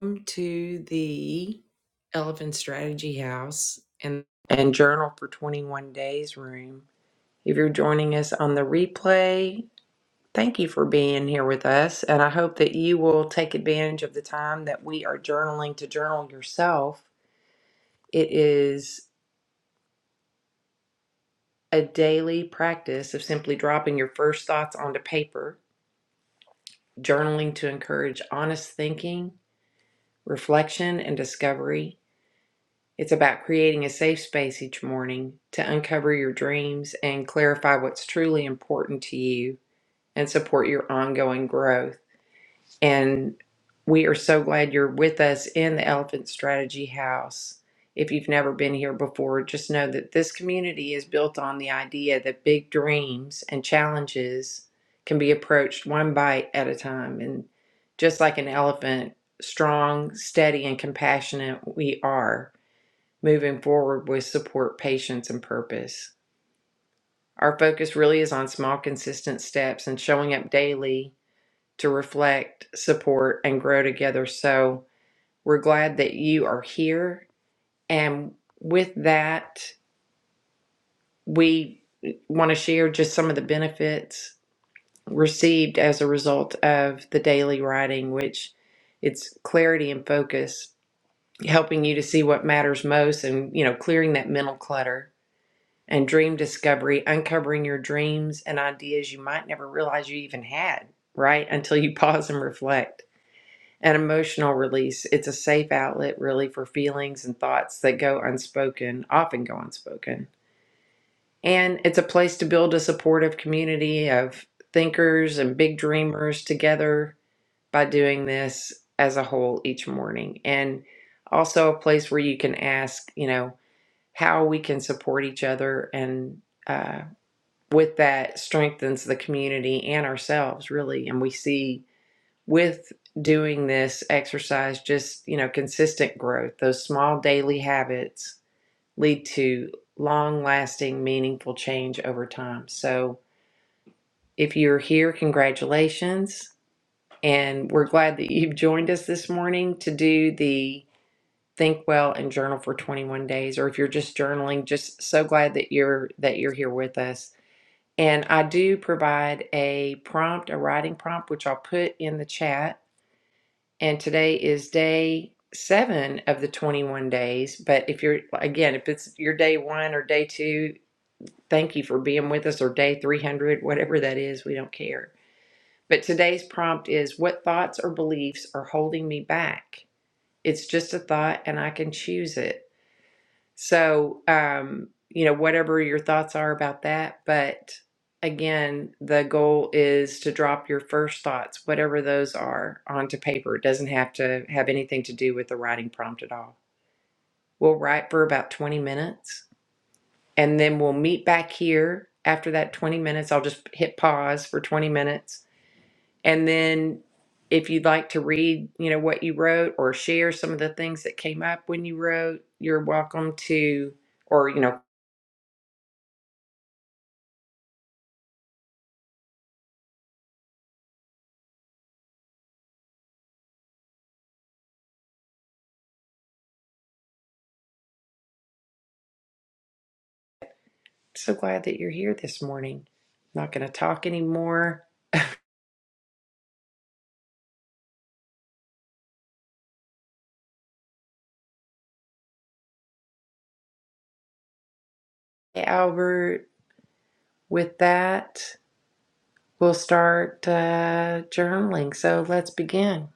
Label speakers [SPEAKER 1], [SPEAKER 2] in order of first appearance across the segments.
[SPEAKER 1] Welcome to the Elephant Strategy House and, and Journal for 21 Days room. If you're joining us on the replay, thank you for being here with us. And I hope that you will take advantage of the time that we are journaling to journal yourself. It is a daily practice of simply dropping your first thoughts onto paper, journaling to encourage honest thinking, reflection, and discovery It's about creating a safe space each morning to uncover your dreams and clarify what's truly important to you and support your ongoing growth. And we are so glad you're with us in the Elephant Strategy House. If you've never been here before, just know that this community is built on the idea that big dreams and challenges can be approached one bite at a time. And just like an elephant, strong, steady, and compassionate we are moving forward with support, patience, and purpose. Our focus really is on small, consistent steps and showing up daily to reflect, support, and grow together. So we're glad that you are here. And with that, we want to share just some of the benefits received as a result of the daily writing, which it's clarity and focus, helping you to see what matters most and, you know, clearing that mental clutter and dream discovery, uncovering your dreams and ideas you might never realize you even had, right? Until you pause and reflect. And emotional release, it's a safe outlet really for feelings and thoughts that go unspoken, often go unspoken. And it's a place to build a supportive community of thinkers and big dreamers together by doing this as a whole each morning. And also a place where you can ask, you know, how we can support each other and uh, with that strengthens the community and ourselves really and we see with doing this exercise just you know consistent growth those small daily habits lead to long lasting meaningful change over time so if you're here congratulations and we're glad that you've joined us this morning to do the think well and journal for 21 days or if you're just journaling just so glad that you're that you're here with us and I do provide a prompt, a writing prompt, which I'll put in the chat. And today is day seven of the 21 days. But if you're, again, if it's your day one or day two, thank you for being with us, or day 300, whatever that is, we don't care. But today's prompt is What thoughts or beliefs are holding me back? It's just a thought and I can choose it. So, um, you know, whatever your thoughts are about that, but again, the goal is to drop your first thoughts, whatever those are, onto paper. It doesn't have to have anything to do with the writing prompt at all. We'll write for about 20 minutes and then we'll meet back here after that 20 minutes. I'll just hit pause for 20 minutes and then if you'd like to read, you know, what you wrote or share some of the things that came up when you wrote, you're welcome to or you know So glad that you're here this morning. I'm Not going to talk anymore. Hey, Albert, with that, we'll start uh, journaling. So let's begin.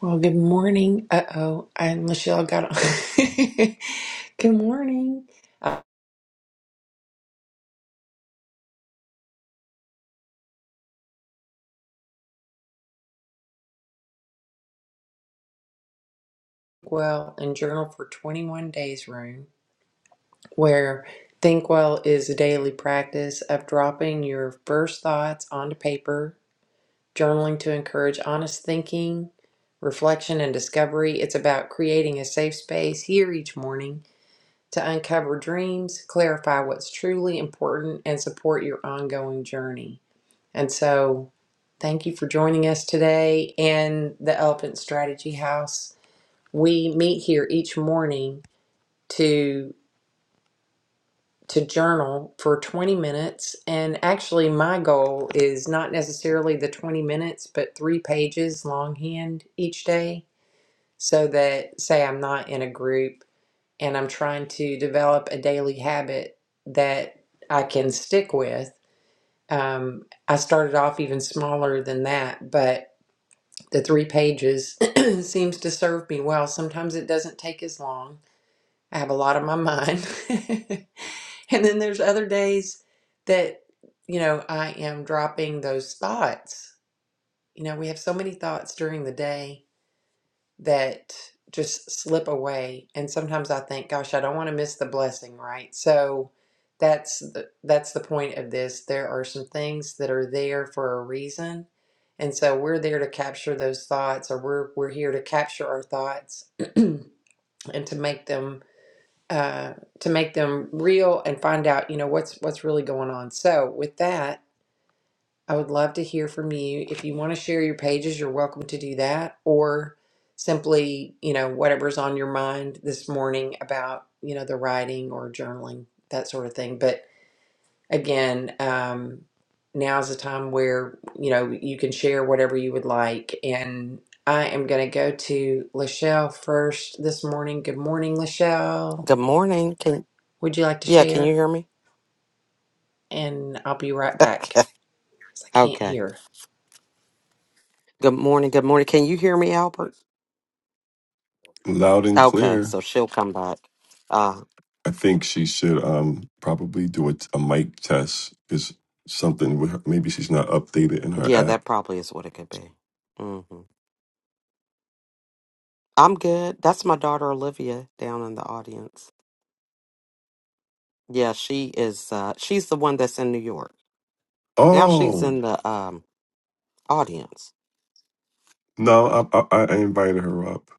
[SPEAKER 1] Well, good morning. Uh oh, and Michelle got on. good morning. Uh, well, and journal for 21 days room, where Think Well is a daily practice of dropping your first thoughts onto paper journaling to encourage honest thinking, reflection, and discovery. It's about creating a safe space here each morning to uncover dreams, clarify what's truly important, and support your ongoing journey. And so, thank you for joining us today in the Elephant Strategy House. We meet here each morning to. to journal for 20 minutes. And actually, my goal is not necessarily the 20 minutes, but three pages longhand each day. So that, say, I'm not in a group and I'm trying to develop a daily habit that I can stick with. Um, I started off even smaller than that, but the three pages seems to serve me well. Sometimes it doesn't take as long I have a lot on my mind. and then there's other days that, you know, I am dropping those thoughts. You know, we have so many thoughts during the day that just slip away. And sometimes I think, gosh, I don't want to miss the blessing, right? So that's the, that's the point of this. There are some things that are there for a reason. And so we're there to capture those thoughts or we're we're here to capture our thoughts and to make them uh, to make them real and find out, you know, what's what's really going on. So with that, I would love to hear from you. If you want to share your pages, you're welcome to do that, or simply, you know, whatever's on your mind this morning about, you know, the writing or journaling, that sort of thing. But again, um, now's the time where, you know, you can share whatever you would like. And I am going to go to Lachelle first this morning. Good morning, Lachelle.
[SPEAKER 2] Good morning. Can
[SPEAKER 1] Would you like to
[SPEAKER 2] yeah, can you
[SPEAKER 1] share?
[SPEAKER 2] hear me?
[SPEAKER 1] and I'll be right back because I can't
[SPEAKER 2] okay.
[SPEAKER 1] hear.
[SPEAKER 2] Good morning. Good morning. Can you hear me, Albert?
[SPEAKER 3] Loud and
[SPEAKER 2] Okay,
[SPEAKER 3] clear.
[SPEAKER 2] so she'll come back. Uh
[SPEAKER 3] I think she should um probably do a, a mic test. Is something with her, maybe she's not updated in her
[SPEAKER 2] yeah,
[SPEAKER 3] app.
[SPEAKER 2] that probably is what it could be. hmm I'm good. That's my daughter Olivia down in the audience. Yeah, she is uh she's the one that's in New York. Now she's
[SPEAKER 3] Oh
[SPEAKER 2] in the um audience.
[SPEAKER 3] no, I, I I invited her up.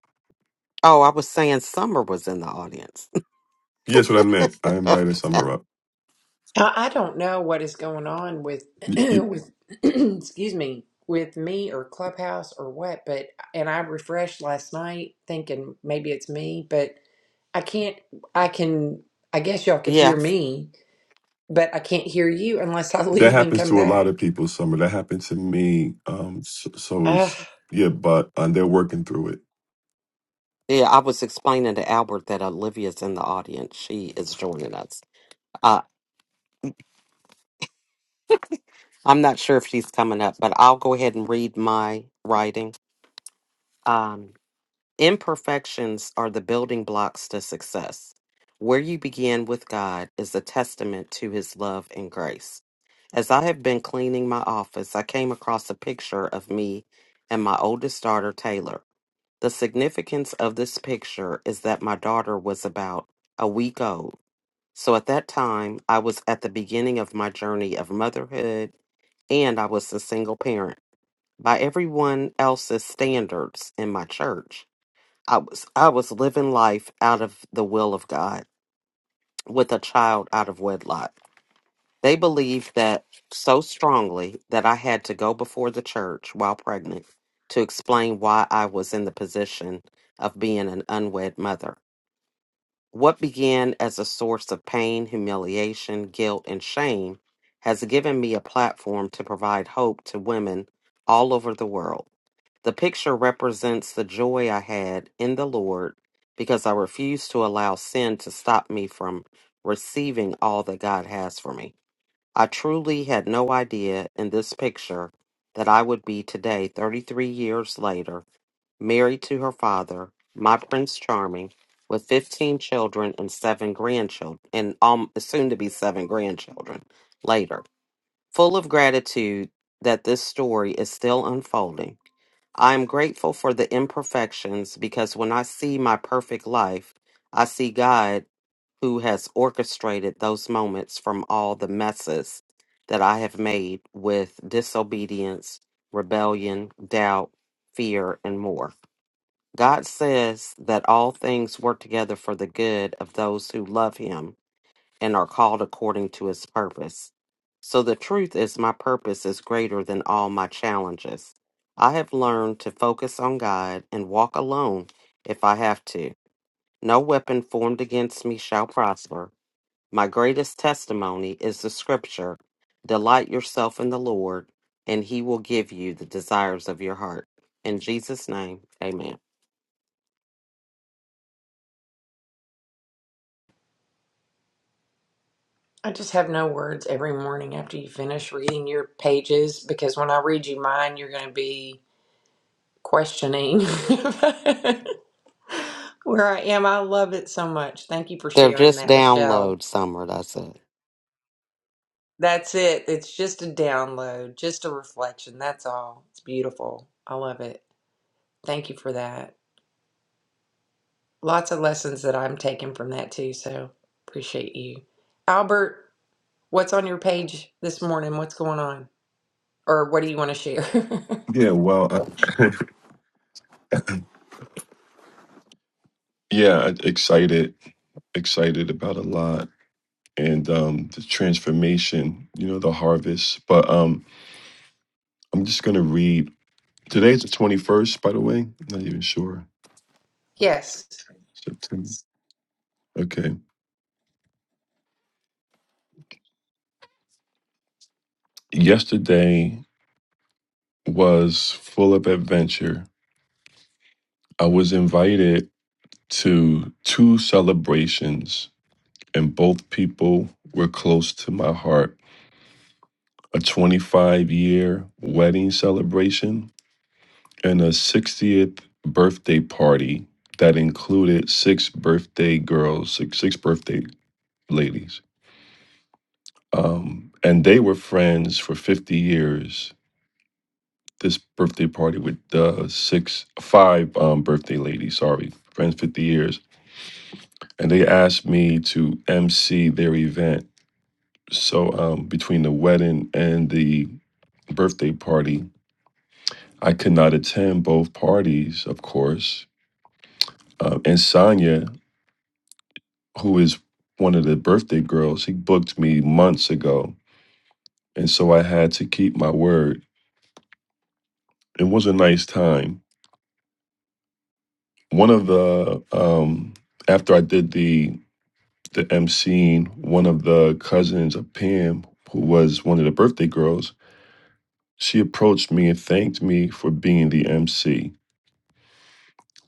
[SPEAKER 2] Oh, I was saying Summer was in the audience.
[SPEAKER 3] Yes, what I meant. I invited Summer up.
[SPEAKER 1] I, I don't know what is going on with
[SPEAKER 3] Y- y-
[SPEAKER 1] with excuse me with me or Clubhouse or what, but and I refreshed last night thinking maybe it's me, but I can't. I can. I guess y'all could hear
[SPEAKER 2] yeah. Yeah,
[SPEAKER 1] me, but I can't hear you unless I
[SPEAKER 3] That
[SPEAKER 1] leave and
[SPEAKER 3] happens
[SPEAKER 1] come
[SPEAKER 3] to a lot
[SPEAKER 1] back.
[SPEAKER 3] of people. Summer. That happened to me. Um. So, so
[SPEAKER 1] Ugh.
[SPEAKER 3] is yeah, but um, they're working through it.
[SPEAKER 2] I was explaining to Albert that Olivia's in the audience. She is joining us. Uh, I'm not sure if she's coming up, but I'll go ahead and read my writing. Um, imperfections are the building blocks to success. Where you begin with God is a testament to his love and grace. As I have been cleaning my office, I came across a picture of me and my oldest daughter, Taylor. The significance of this picture is that my daughter was about a week old so at that time, I was at the beginning of my journey of motherhood and I was a single parent. By everyone else's standards in my church, I was I was living life out of the will of God with a child out of wedlock. They believed that so strongly that I had to go before the church while pregnant to explain why I was in the position of being an unwed mother. What began as a source of pain, humiliation, guilt, and shame has given me a platform to provide hope to women all over the world. The picture represents the joy I had in the Lord because I refused to allow sin to stop me from receiving all that God has for me. I truly had no idea in this picture that I would be today, 33 years later, married to her father, my Prince Charming, with 15 children and seven grandchildren, and um, soon to be seven grandchildren later. Full of gratitude that this story is still unfolding. I am grateful for the imperfections because when I see my perfect life, I see God who has orchestrated those moments from all the messes that I have made with disobedience, rebellion, doubt, fear, and more. God says that all things work together for the good of those who love him and are called according to his purpose. So the truth is, my purpose is greater than all my challenges. I have learned to focus on God and walk alone if I have to. No weapon formed against me shall prosper. My greatest testimony is the scripture Delight yourself in the Lord, and he will give you the desires of your heart. In Jesus' name, amen.
[SPEAKER 1] I just have no words every morning after you finish reading your pages because when I read you mine, you're going to be questioning Where I am, I love it so much. Thank you for
[SPEAKER 2] They're
[SPEAKER 1] sharing
[SPEAKER 2] just
[SPEAKER 1] that, Lachelle.
[SPEAKER 2] download, Summer. That's it.
[SPEAKER 1] That's it. It's just a download, just a reflection. That's all. It's beautiful. I love it. Thank you for that. Lots of lessons that I'm taking from that too, so appreciate you. Albert, what's on your page this morning? What's going on? Or what do you want to share?
[SPEAKER 3] Yeah. Well. I, yeah. Excited. Excited about a lot and um the transformation. You know the harvest, but um. I'm just gonna read. Today's the 21st, by the way. I'm not even sure.
[SPEAKER 1] yes.
[SPEAKER 3] September. Okay. Yesterday was full of adventure. I was invited to two celebrations, and both people were close to my heart. A 25 year wedding celebration and a 60th birthday party that included six birthday girls, six, six birthday ladies. Um, and they were friends for 50 years. This birthday party with uh, six, five um, birthday ladies, sorry, friends 50 years. And they asked me to MC their event. So um, between the wedding and the birthday party, I could not attend both parties, of course. Um, and Sonya, who is one of the birthday girls, he booked me months ago. And so I had to keep my word. It was a nice time one of the um after I did the the emceeing, one of the cousins of Pam, who was one of the birthday girls, she approached me and thanked me for being the MC.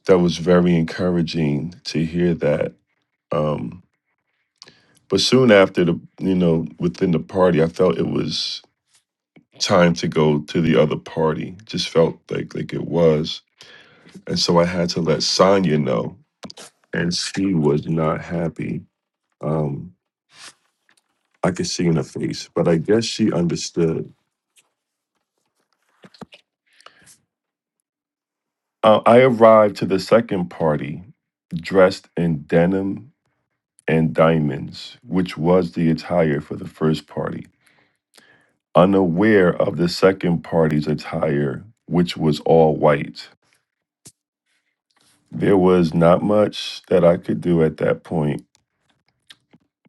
[SPEAKER 3] That was very encouraging to hear that. Um, but soon after the you know within the party, I felt it was time to go to the other party. Just felt like like it was, and so I had to let Sonya know, and she was not happy. Um, I could see in her face, but I guess she understood. Uh, I arrived to the second party dressed in denim and diamonds, which was the attire for the first party, unaware of the second party's attire, which was all white. There was not much that I could do at that point,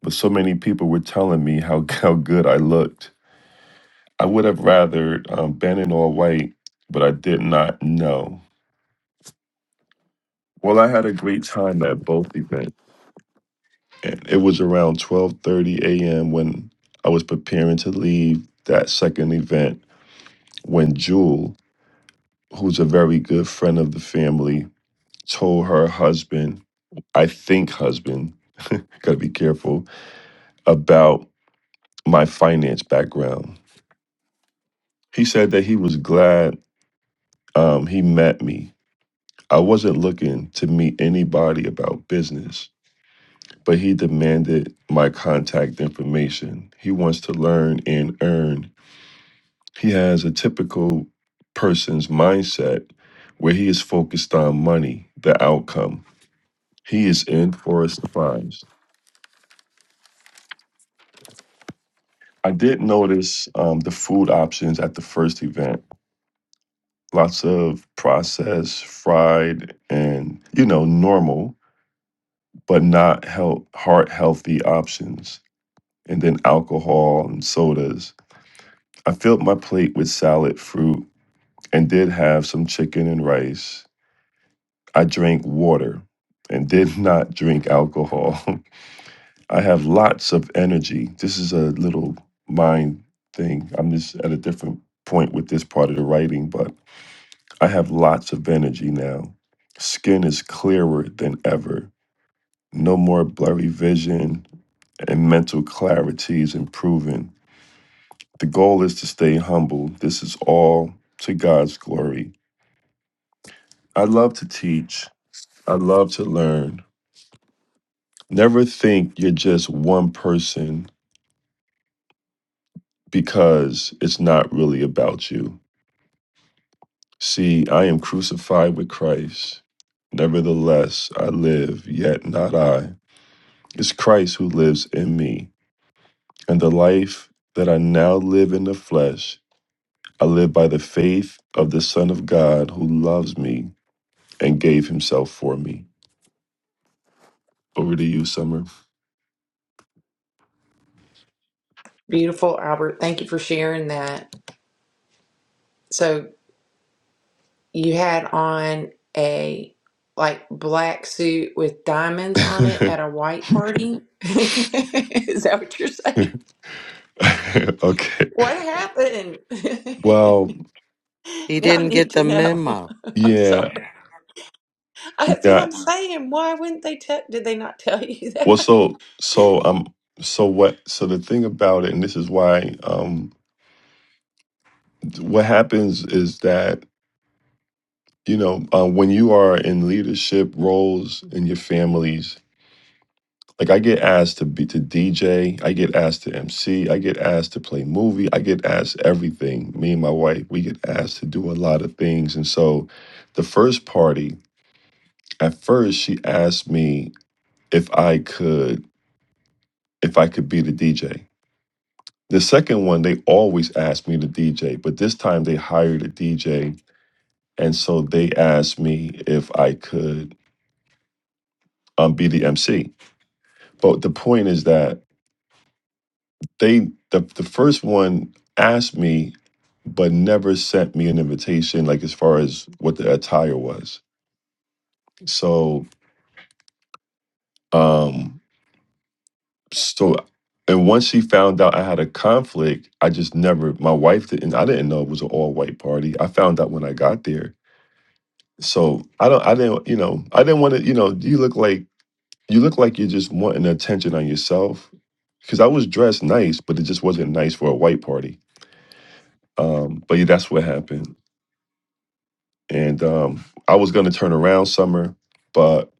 [SPEAKER 3] but so many people were telling me how, how good I looked. I would have rather um, been in all white, but I did not know. Well, I had a great time at both events. and it was around 12:30 a.m. when I was preparing to leave that second event when Jewel, who's a very good friend of the family, told her husband, I think husband, gotta be careful about my finance background. He said that he was glad um, he met me. I wasn't looking to meet anybody about business, but he demanded my contact information. He wants to learn and earn He has a typical person's mindset where he is focused on money, the outcome. He is in Forest the Fines. I did notice um, the food options at the first event. Lots of processed, fried, and you know, normal, but not health, heart healthy options. And then alcohol and sodas. I filled my plate with salad, fruit, and did have some chicken and rice I drank water and did not drink alcohol. I have lots of energy. This is a little mind thing. I'm just at a different point with this part of the writing, but I have lots of energy now. Skin is clearer than ever. No more blurry vision, and mental clarity is improving. The goal is to stay humble. This is all to God's glory. I love to teach. I love to learn. Never think you're just one person because it's not really about you. See, I am crucified with Christ. Nevertheless, I live, yet not I. It's Christ who lives in me. And the life that I now live in the flesh, I live by the faith of the Son of God who loves me and gave himself for me. Over to you, Summer.
[SPEAKER 1] Beautiful, Albert. Thank you for sharing that. So you had on a like black suit with diamonds on it at a white party. Is that what you're saying?
[SPEAKER 3] okay.
[SPEAKER 1] What happened?
[SPEAKER 3] Well,
[SPEAKER 2] He
[SPEAKER 1] now I
[SPEAKER 2] didn't
[SPEAKER 1] need
[SPEAKER 2] get the
[SPEAKER 1] to know.
[SPEAKER 2] memo.
[SPEAKER 1] I'm
[SPEAKER 3] yeah,
[SPEAKER 1] sorry. Yeah. That's what
[SPEAKER 3] yeah.
[SPEAKER 1] I'm saying. Why wouldn't they tell? Did they not tell you
[SPEAKER 3] Well,
[SPEAKER 1] that?
[SPEAKER 3] so so um so what so the thing about it, and this is why um what happens is that you know uh, when you are in leadership roles in your families, like I get asked to be to DJ, I get asked to MC, I get asked to play movie, I get asked everything. Me and my wife, we get asked to do a lot of things, and so the first party at first she asked me if I could if I could be the DJ The second one, they always ask me to DJ, but this time they hired a DJ. And so they asked me if I could um, be the MC. But the point is that they, the, the first one asked me, but never sent me an invitation, like as far as what the attire was. So, um, so, and once she found out I had a conflict, I just never, my wife didn't, I didn't know it was an all white party. I found out when I got there So I don't, I didn't, you know, I didn't want to, you know, you look like, you look like you're just wanting attention on yourself. Cause I was dressed nice, but it just wasn't nice for a white party. Um, but yeah, that's what happened. And um, I was going to turn around summer, but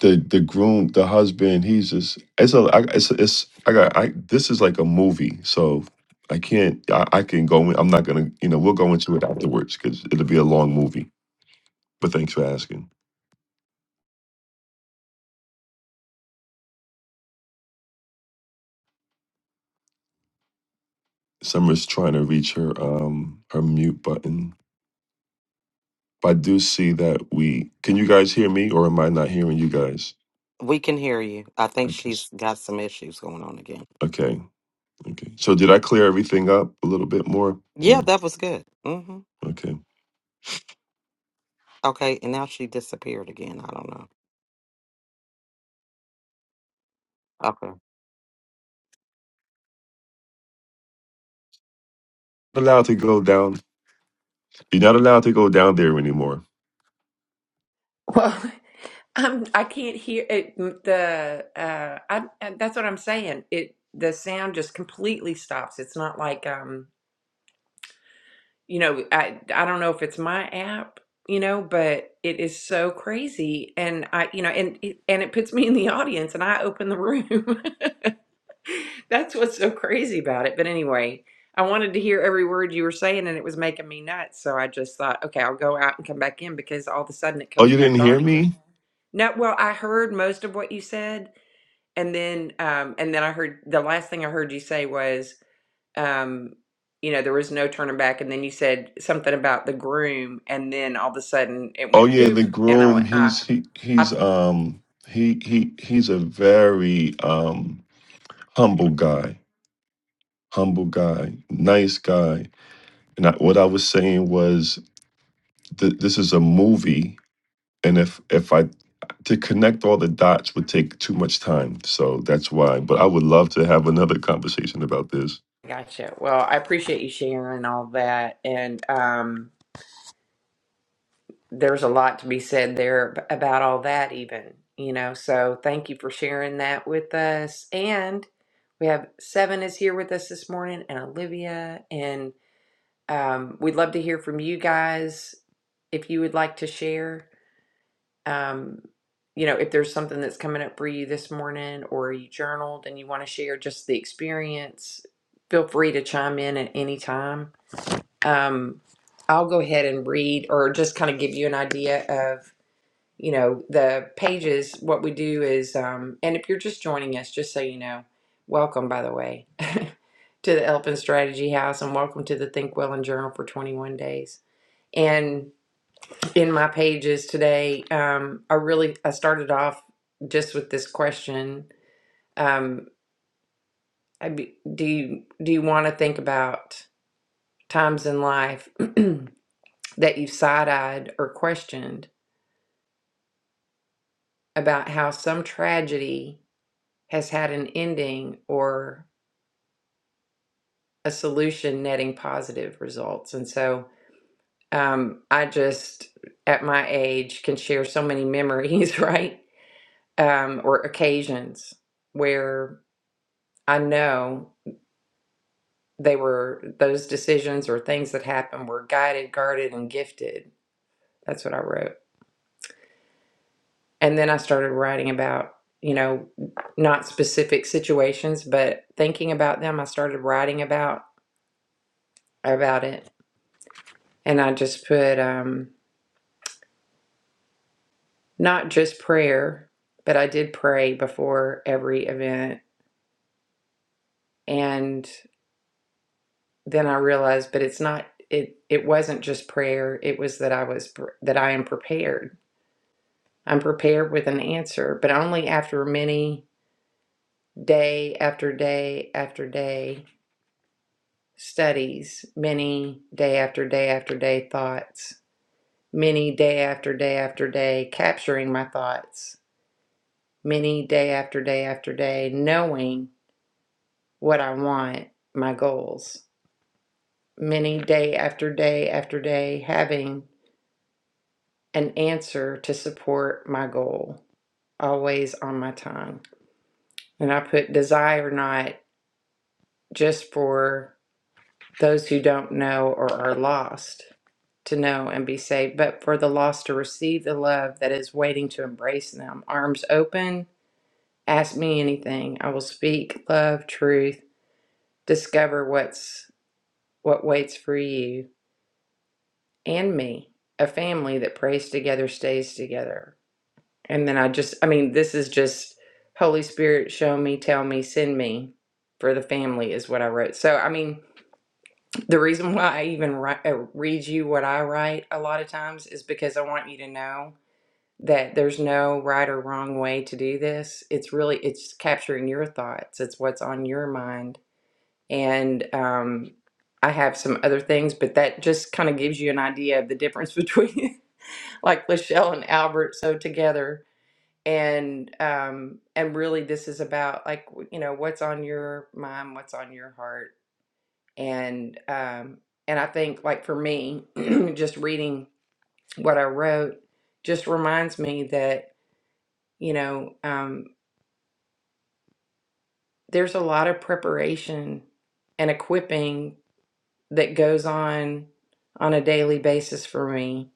[SPEAKER 3] the, the groom, the husband, he's just, it's a, I, it's, it's, I got, I, this is like a movie. So I can't, I, I can go in, I'm not going to, you know, we'll go into it afterwards because it'll be a long movie. But thanks for asking. Summer's trying to reach her um her mute button. But I do see that we can you guys hear me or am I not hearing you guys?
[SPEAKER 2] We can hear you. I think
[SPEAKER 3] Okay.
[SPEAKER 2] she's got some issues going on again.
[SPEAKER 3] Okay. Okay. So did I clear everything up a little bit more? Or
[SPEAKER 2] Yeah, that was good. hmm
[SPEAKER 3] okay.
[SPEAKER 2] Okay, and now she disappeared again. I don't know. Okay.
[SPEAKER 3] Not allowed to go down. You're not allowed to go down there anymore.
[SPEAKER 1] Well, I'm. I can't hear it. The uh, I. That's what I'm saying. It. The sound just completely stops. It's not like um. you know, I I don't know if it's my app, you know, but it is so crazy, and I, you know, and it- and it puts me in the audience, and I open the room. That's what's so crazy about it. But anyway, I wanted to hear every word you were saying, and it was making me nuts. So I just thought, okay, I'll go out and come back in because all of a sudden it
[SPEAKER 3] Oh,
[SPEAKER 1] comes
[SPEAKER 3] you didn't
[SPEAKER 1] back
[SPEAKER 3] hear
[SPEAKER 1] on again.
[SPEAKER 3] me?
[SPEAKER 1] No, well, I heard most of what you said, and then um, and then I heard the last thing I heard you say was um, you know, there was no turning back. And then you said something about the groom, and then all of a sudden it
[SPEAKER 3] Oh
[SPEAKER 1] went
[SPEAKER 3] yeah,
[SPEAKER 1] boop,
[SPEAKER 3] the
[SPEAKER 1] and I
[SPEAKER 3] groom,
[SPEAKER 1] went, ah,
[SPEAKER 3] he's he
[SPEAKER 1] I
[SPEAKER 3] he's um he he he's a very um humble guy. Humble guy, nice guy. And I, what I was saying was th- this is a movie and if if i to connect all the dots would take too much time so that's why but i would love to have another conversation about this
[SPEAKER 1] gotcha. Well, I appreciate you sharing all that, and um, there's a lot to be said there ab- about all that, even you know. So thank you for sharing that with us. And we have Seven is here with us this morning, and Olivia, and um, we'd love to hear from you guys if you would like to share. um, you know, if there's something that's coming up for you this morning or you journaled and you want to share just the experience, feel free to chime in at any time. Um, I'll go ahead and read or just kind of give you an idea of, you know, the pages. What we do is, um, and if you're just joining us, just so you know, welcome, by the way, to the Elephant Strategy House and welcome to the Think Well and Journal for 21 Days. And in my pages today um i really i started off just with this question um I be, do you do you want to think about times in life that you've side-eyed or questioned about how some tragedy has had an ending or a solution netting positive results and so um i just at my age can share so many memories right um or occasions where. I know they were those decisions or things that happened were guided, guarded, and gifted. That's what I wrote. And then I started writing about, you know, not specific situations, but thinking about them. I started writing about about it. And I just put um not just prayer, but I did pray before every event. And then I realized, but it's not it it wasn't just prayer. It was that I was pr- that I am prepared I'm prepared with an answer, but only after many day after day after day studies, many day after day after day thoughts, many day after day after day capturing my thoughts, many day after day after day knowing what I want, my goals, many day after day after day having an answer to support my goal, always on my tongue. And I put desire not just for those who don't know or are lost to know and be saved, but for the lost to receive the love that is waiting to embrace them. Arms open, ask me anything. I will speak love, truth, discover what's what waits for you and me. A family that prays together stays together. And then I just I mean this is just Holy Spirit show me, tell me, send me for the family is what I wrote. So I mean The reason why I even write, uh, read you what I write a lot of times is because I want you to know that there's no right or wrong way to do this. It's really it's capturing your thoughts. It's what's on your mind. And um, I have some other things, but that just kind of gives you an idea of the difference between like Lachelle and Albert so together. And um, and really, this is about like you know what's on your mind, what's on your heart and um and I think like for me just reading what I wrote just reminds me that you know um there's a lot of preparation and equipping that goes on on a daily basis for me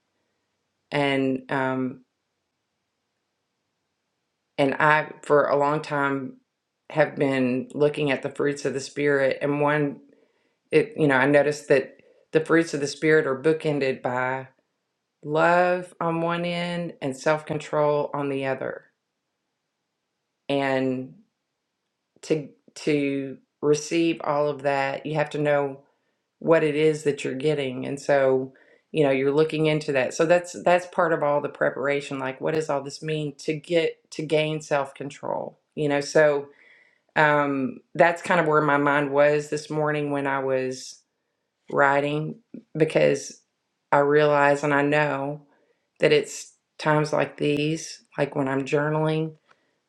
[SPEAKER 1] and um and I for a long time have been looking at the fruits of the spirit and one it you know I noticed that the fruits of the spirit are bookended by. love on one end and self-control on the other and to to receive all of that you have to know what it is that you're getting and so you know you're looking into that so that's that's part of all the preparation like what does all this mean to get to gain self-control you know so um that's kind of where my mind was this morning when i was writing because I realize and I know that it's times like these, like when I'm journaling,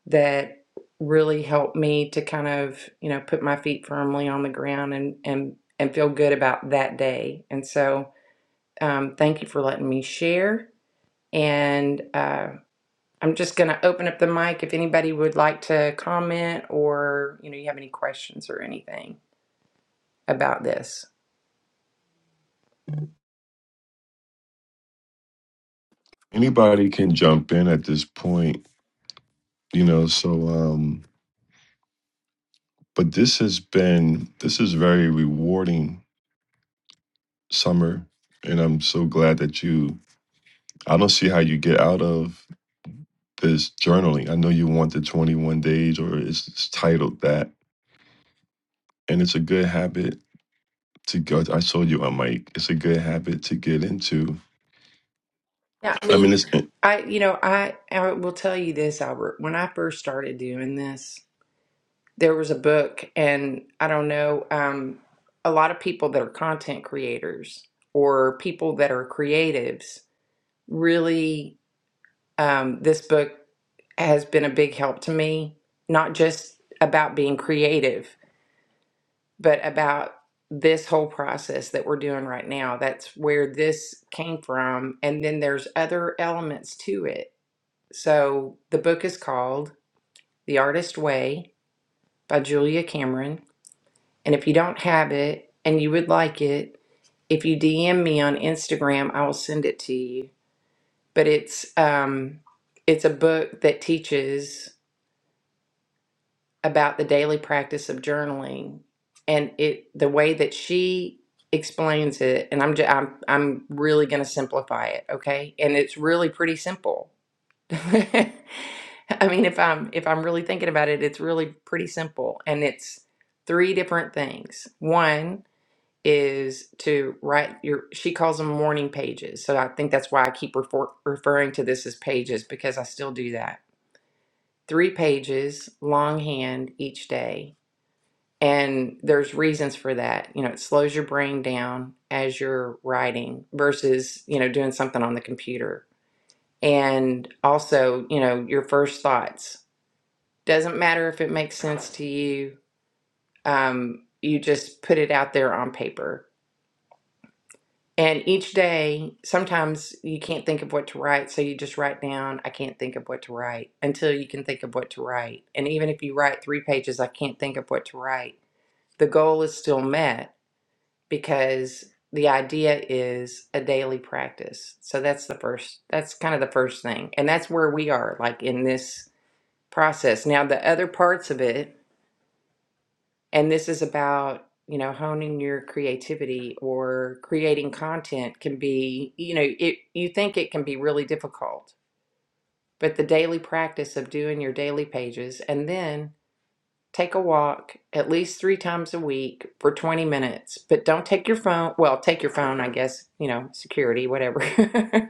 [SPEAKER 1] that really help me to kind of, you know, put my feet firmly on the ground and and and feel good about that day. And so, um, thank you for letting me share. And uh, I'm just going to open up the mic if anybody would like to comment or, you know, you have any questions or anything about this.
[SPEAKER 3] anybody can jump in at this point you know so um but this has been this is very rewarding summer and i'm so glad that you i don't see how you get out of this journaling. I know you want the 21 days, or it's, it's titled that, and it's a good habit to go. I saw you on mic. It's a good habit to get into.
[SPEAKER 1] Yeah.
[SPEAKER 3] I mean, it's
[SPEAKER 1] I, you know, I, I will tell you this, Albert. When I first started doing this, there was a book, and I don't know, um, a lot of people that are content creators or people that are creatives really, um, this book has been a big help to me, not just about being creative, but about this whole process that we're doing right now. That's where this came from. And then there's other elements to it. So the book is called The Artist Way by Julia Cameron. And if you don't have it and you would like it, if you DM me on Instagram, I will send it to you. But it's um, it's a book that teaches about the daily practice of journaling, and it the way that she explains it. And I'm just, I'm I'm really going to simplify it, okay? And it's really pretty simple I mean, if I'm if I'm really thinking about it, it's really pretty simple, and it's three different things. One is to write your she calls them morning pages. So I think that's why I keep refer, referring to this as pages because I still do that. Three pages longhand each day. And there's reasons for that. You know, it slows your brain down as you're writing versus, you know, doing something on the computer and also you know your first thoughts doesn't matter if it makes sense to you. Um, you just put it out there on paper. And each day, sometimes you can't think of what to write, so you just write down, I can't think of what to write until you can think of what to write. And even if you write three pages, I can't think of what to write, the goal is still met because the idea is a daily practice. So that's the first, that's kind of the first thing. And that's where we are, like in this process. Now, the other parts of it, And this is about, you know, honing your creativity or creating content can be, you know, it you think it can be really difficult, but the daily practice of doing your daily pages and then take a walk at least 3 times a week for 20 minutes, but don't take your phone, well, take your phone, I guess, you know, security, whatever.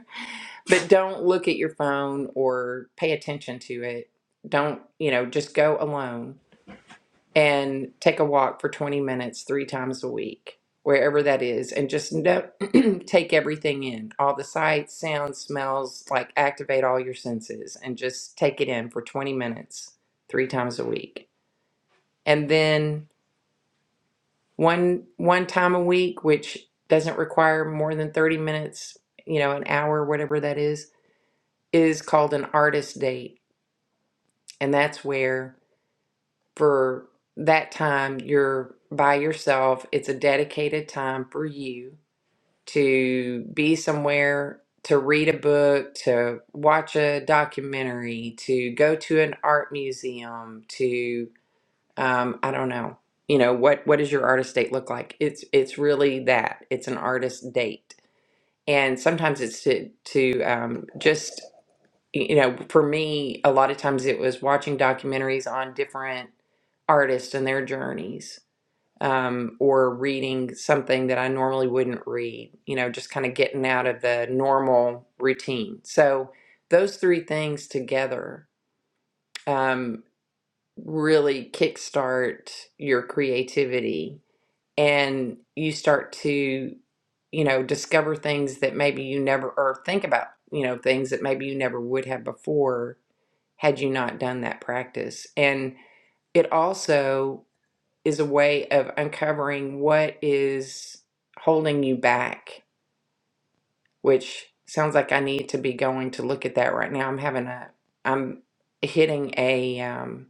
[SPEAKER 1] but don't look at your phone or pay attention to it. Don't, you know, just go alone and take a walk for 20 minutes three times a week, wherever that is, and just no, take everything in all the sights, sounds, smells like activate all your senses and just take it in for 20 minutes three times a week. And then one one time a week which doesn't require more than 30 minutes, you know, an hour whatever that is, is called an artist date. And that's where for that time you're by yourself. It's a dedicated time for you to be somewhere, to read a book, to watch a documentary, to go to an art museum, to um, I don't know, you know what what does your artist date look like? It's it's really that. It's an artist date, and sometimes it's to to um, just you know, for me, a lot of times it was watching documentaries on different artists and their journeys, um, or reading something that I normally wouldn't read, you know, just kind of getting out of the normal routine. So those three things together um, really kickstart your creativity and you start to, you know, discover things that maybe you never, or think about, you know, things that maybe you never would have before had you not done that practice. And it also is a way of uncovering what is holding you back, which sounds like I need to be going to look at that right now. I'm having a, I'm hitting a um,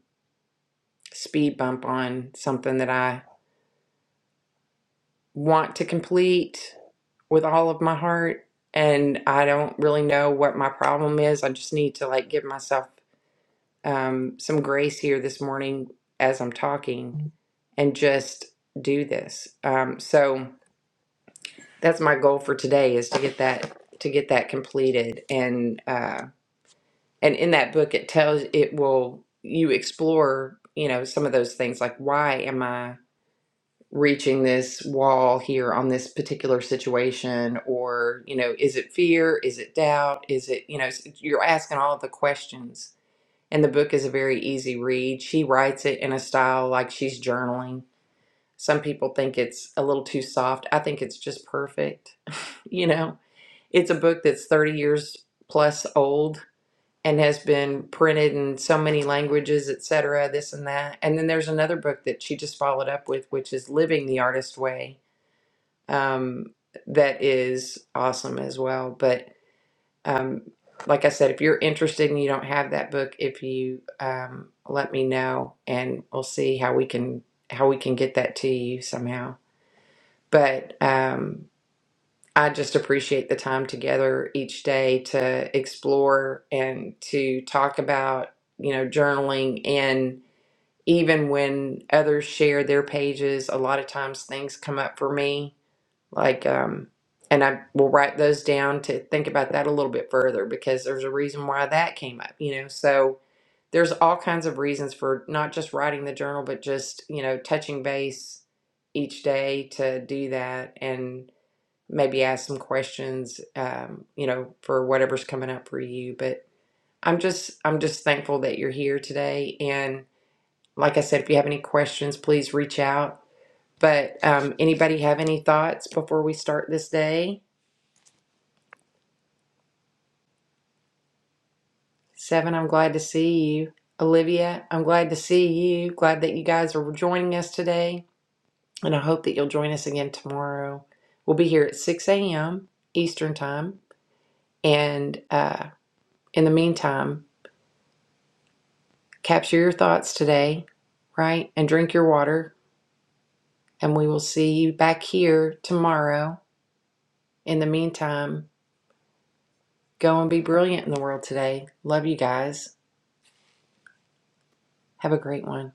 [SPEAKER 1] speed bump on something that I want to complete with all of my heart. And I don't really know what my problem is. I just need to like give myself um, some grace here this morning as I'm talking and just do this. Um, so that's my goal for today is to get that to get that completed and uh, and in that book it tells it will you explore you know some of those things like why am I reaching this wall here on this particular situation or you know is it fear is it doubt is it you know you're asking all the questions and the book is a very easy read. She writes it in a style like she's journaling. Some people think it's a little too soft. I think it's just perfect. You know, it's a book that's 30 years plus old and has been printed in so many languages, etc., this and that. And then there's another book that she just followed up with, which is Living the Artist Way. Um, that is awesome as well. But um, like I said, if you're interested and you don't have that book, if you um, let me know, and we'll see how we can how we can get that to you somehow. But um, I just appreciate the time together each day to explore and to talk about you know journaling and even when others share their pages, a lot of times things come up for me like, um, and I will write those down to think about that a little bit further because there's a reason why that came up, you know. So there's all kinds of reasons for not just writing the journal, but just, you know, touching base each day to do that and maybe ask some questions, um, you know, for whatever's coming up for you. But I'm just, I'm just thankful that you're here today. And like I said, if you have any questions, please reach out but um, anybody have any thoughts before we start this day? Seven, I'm glad to see you. Olivia, I'm glad to see you. Glad that you guys are joining us today. And I hope that you'll join us again tomorrow. We'll be here at 6 a.m. Eastern Time. And uh, in the meantime, capture your thoughts today, right? And drink your water. And we will see you back here tomorrow. In the meantime, go and be brilliant in the world today. Love you guys. Have a great one.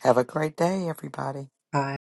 [SPEAKER 2] Have a great day, everybody.
[SPEAKER 1] Bye.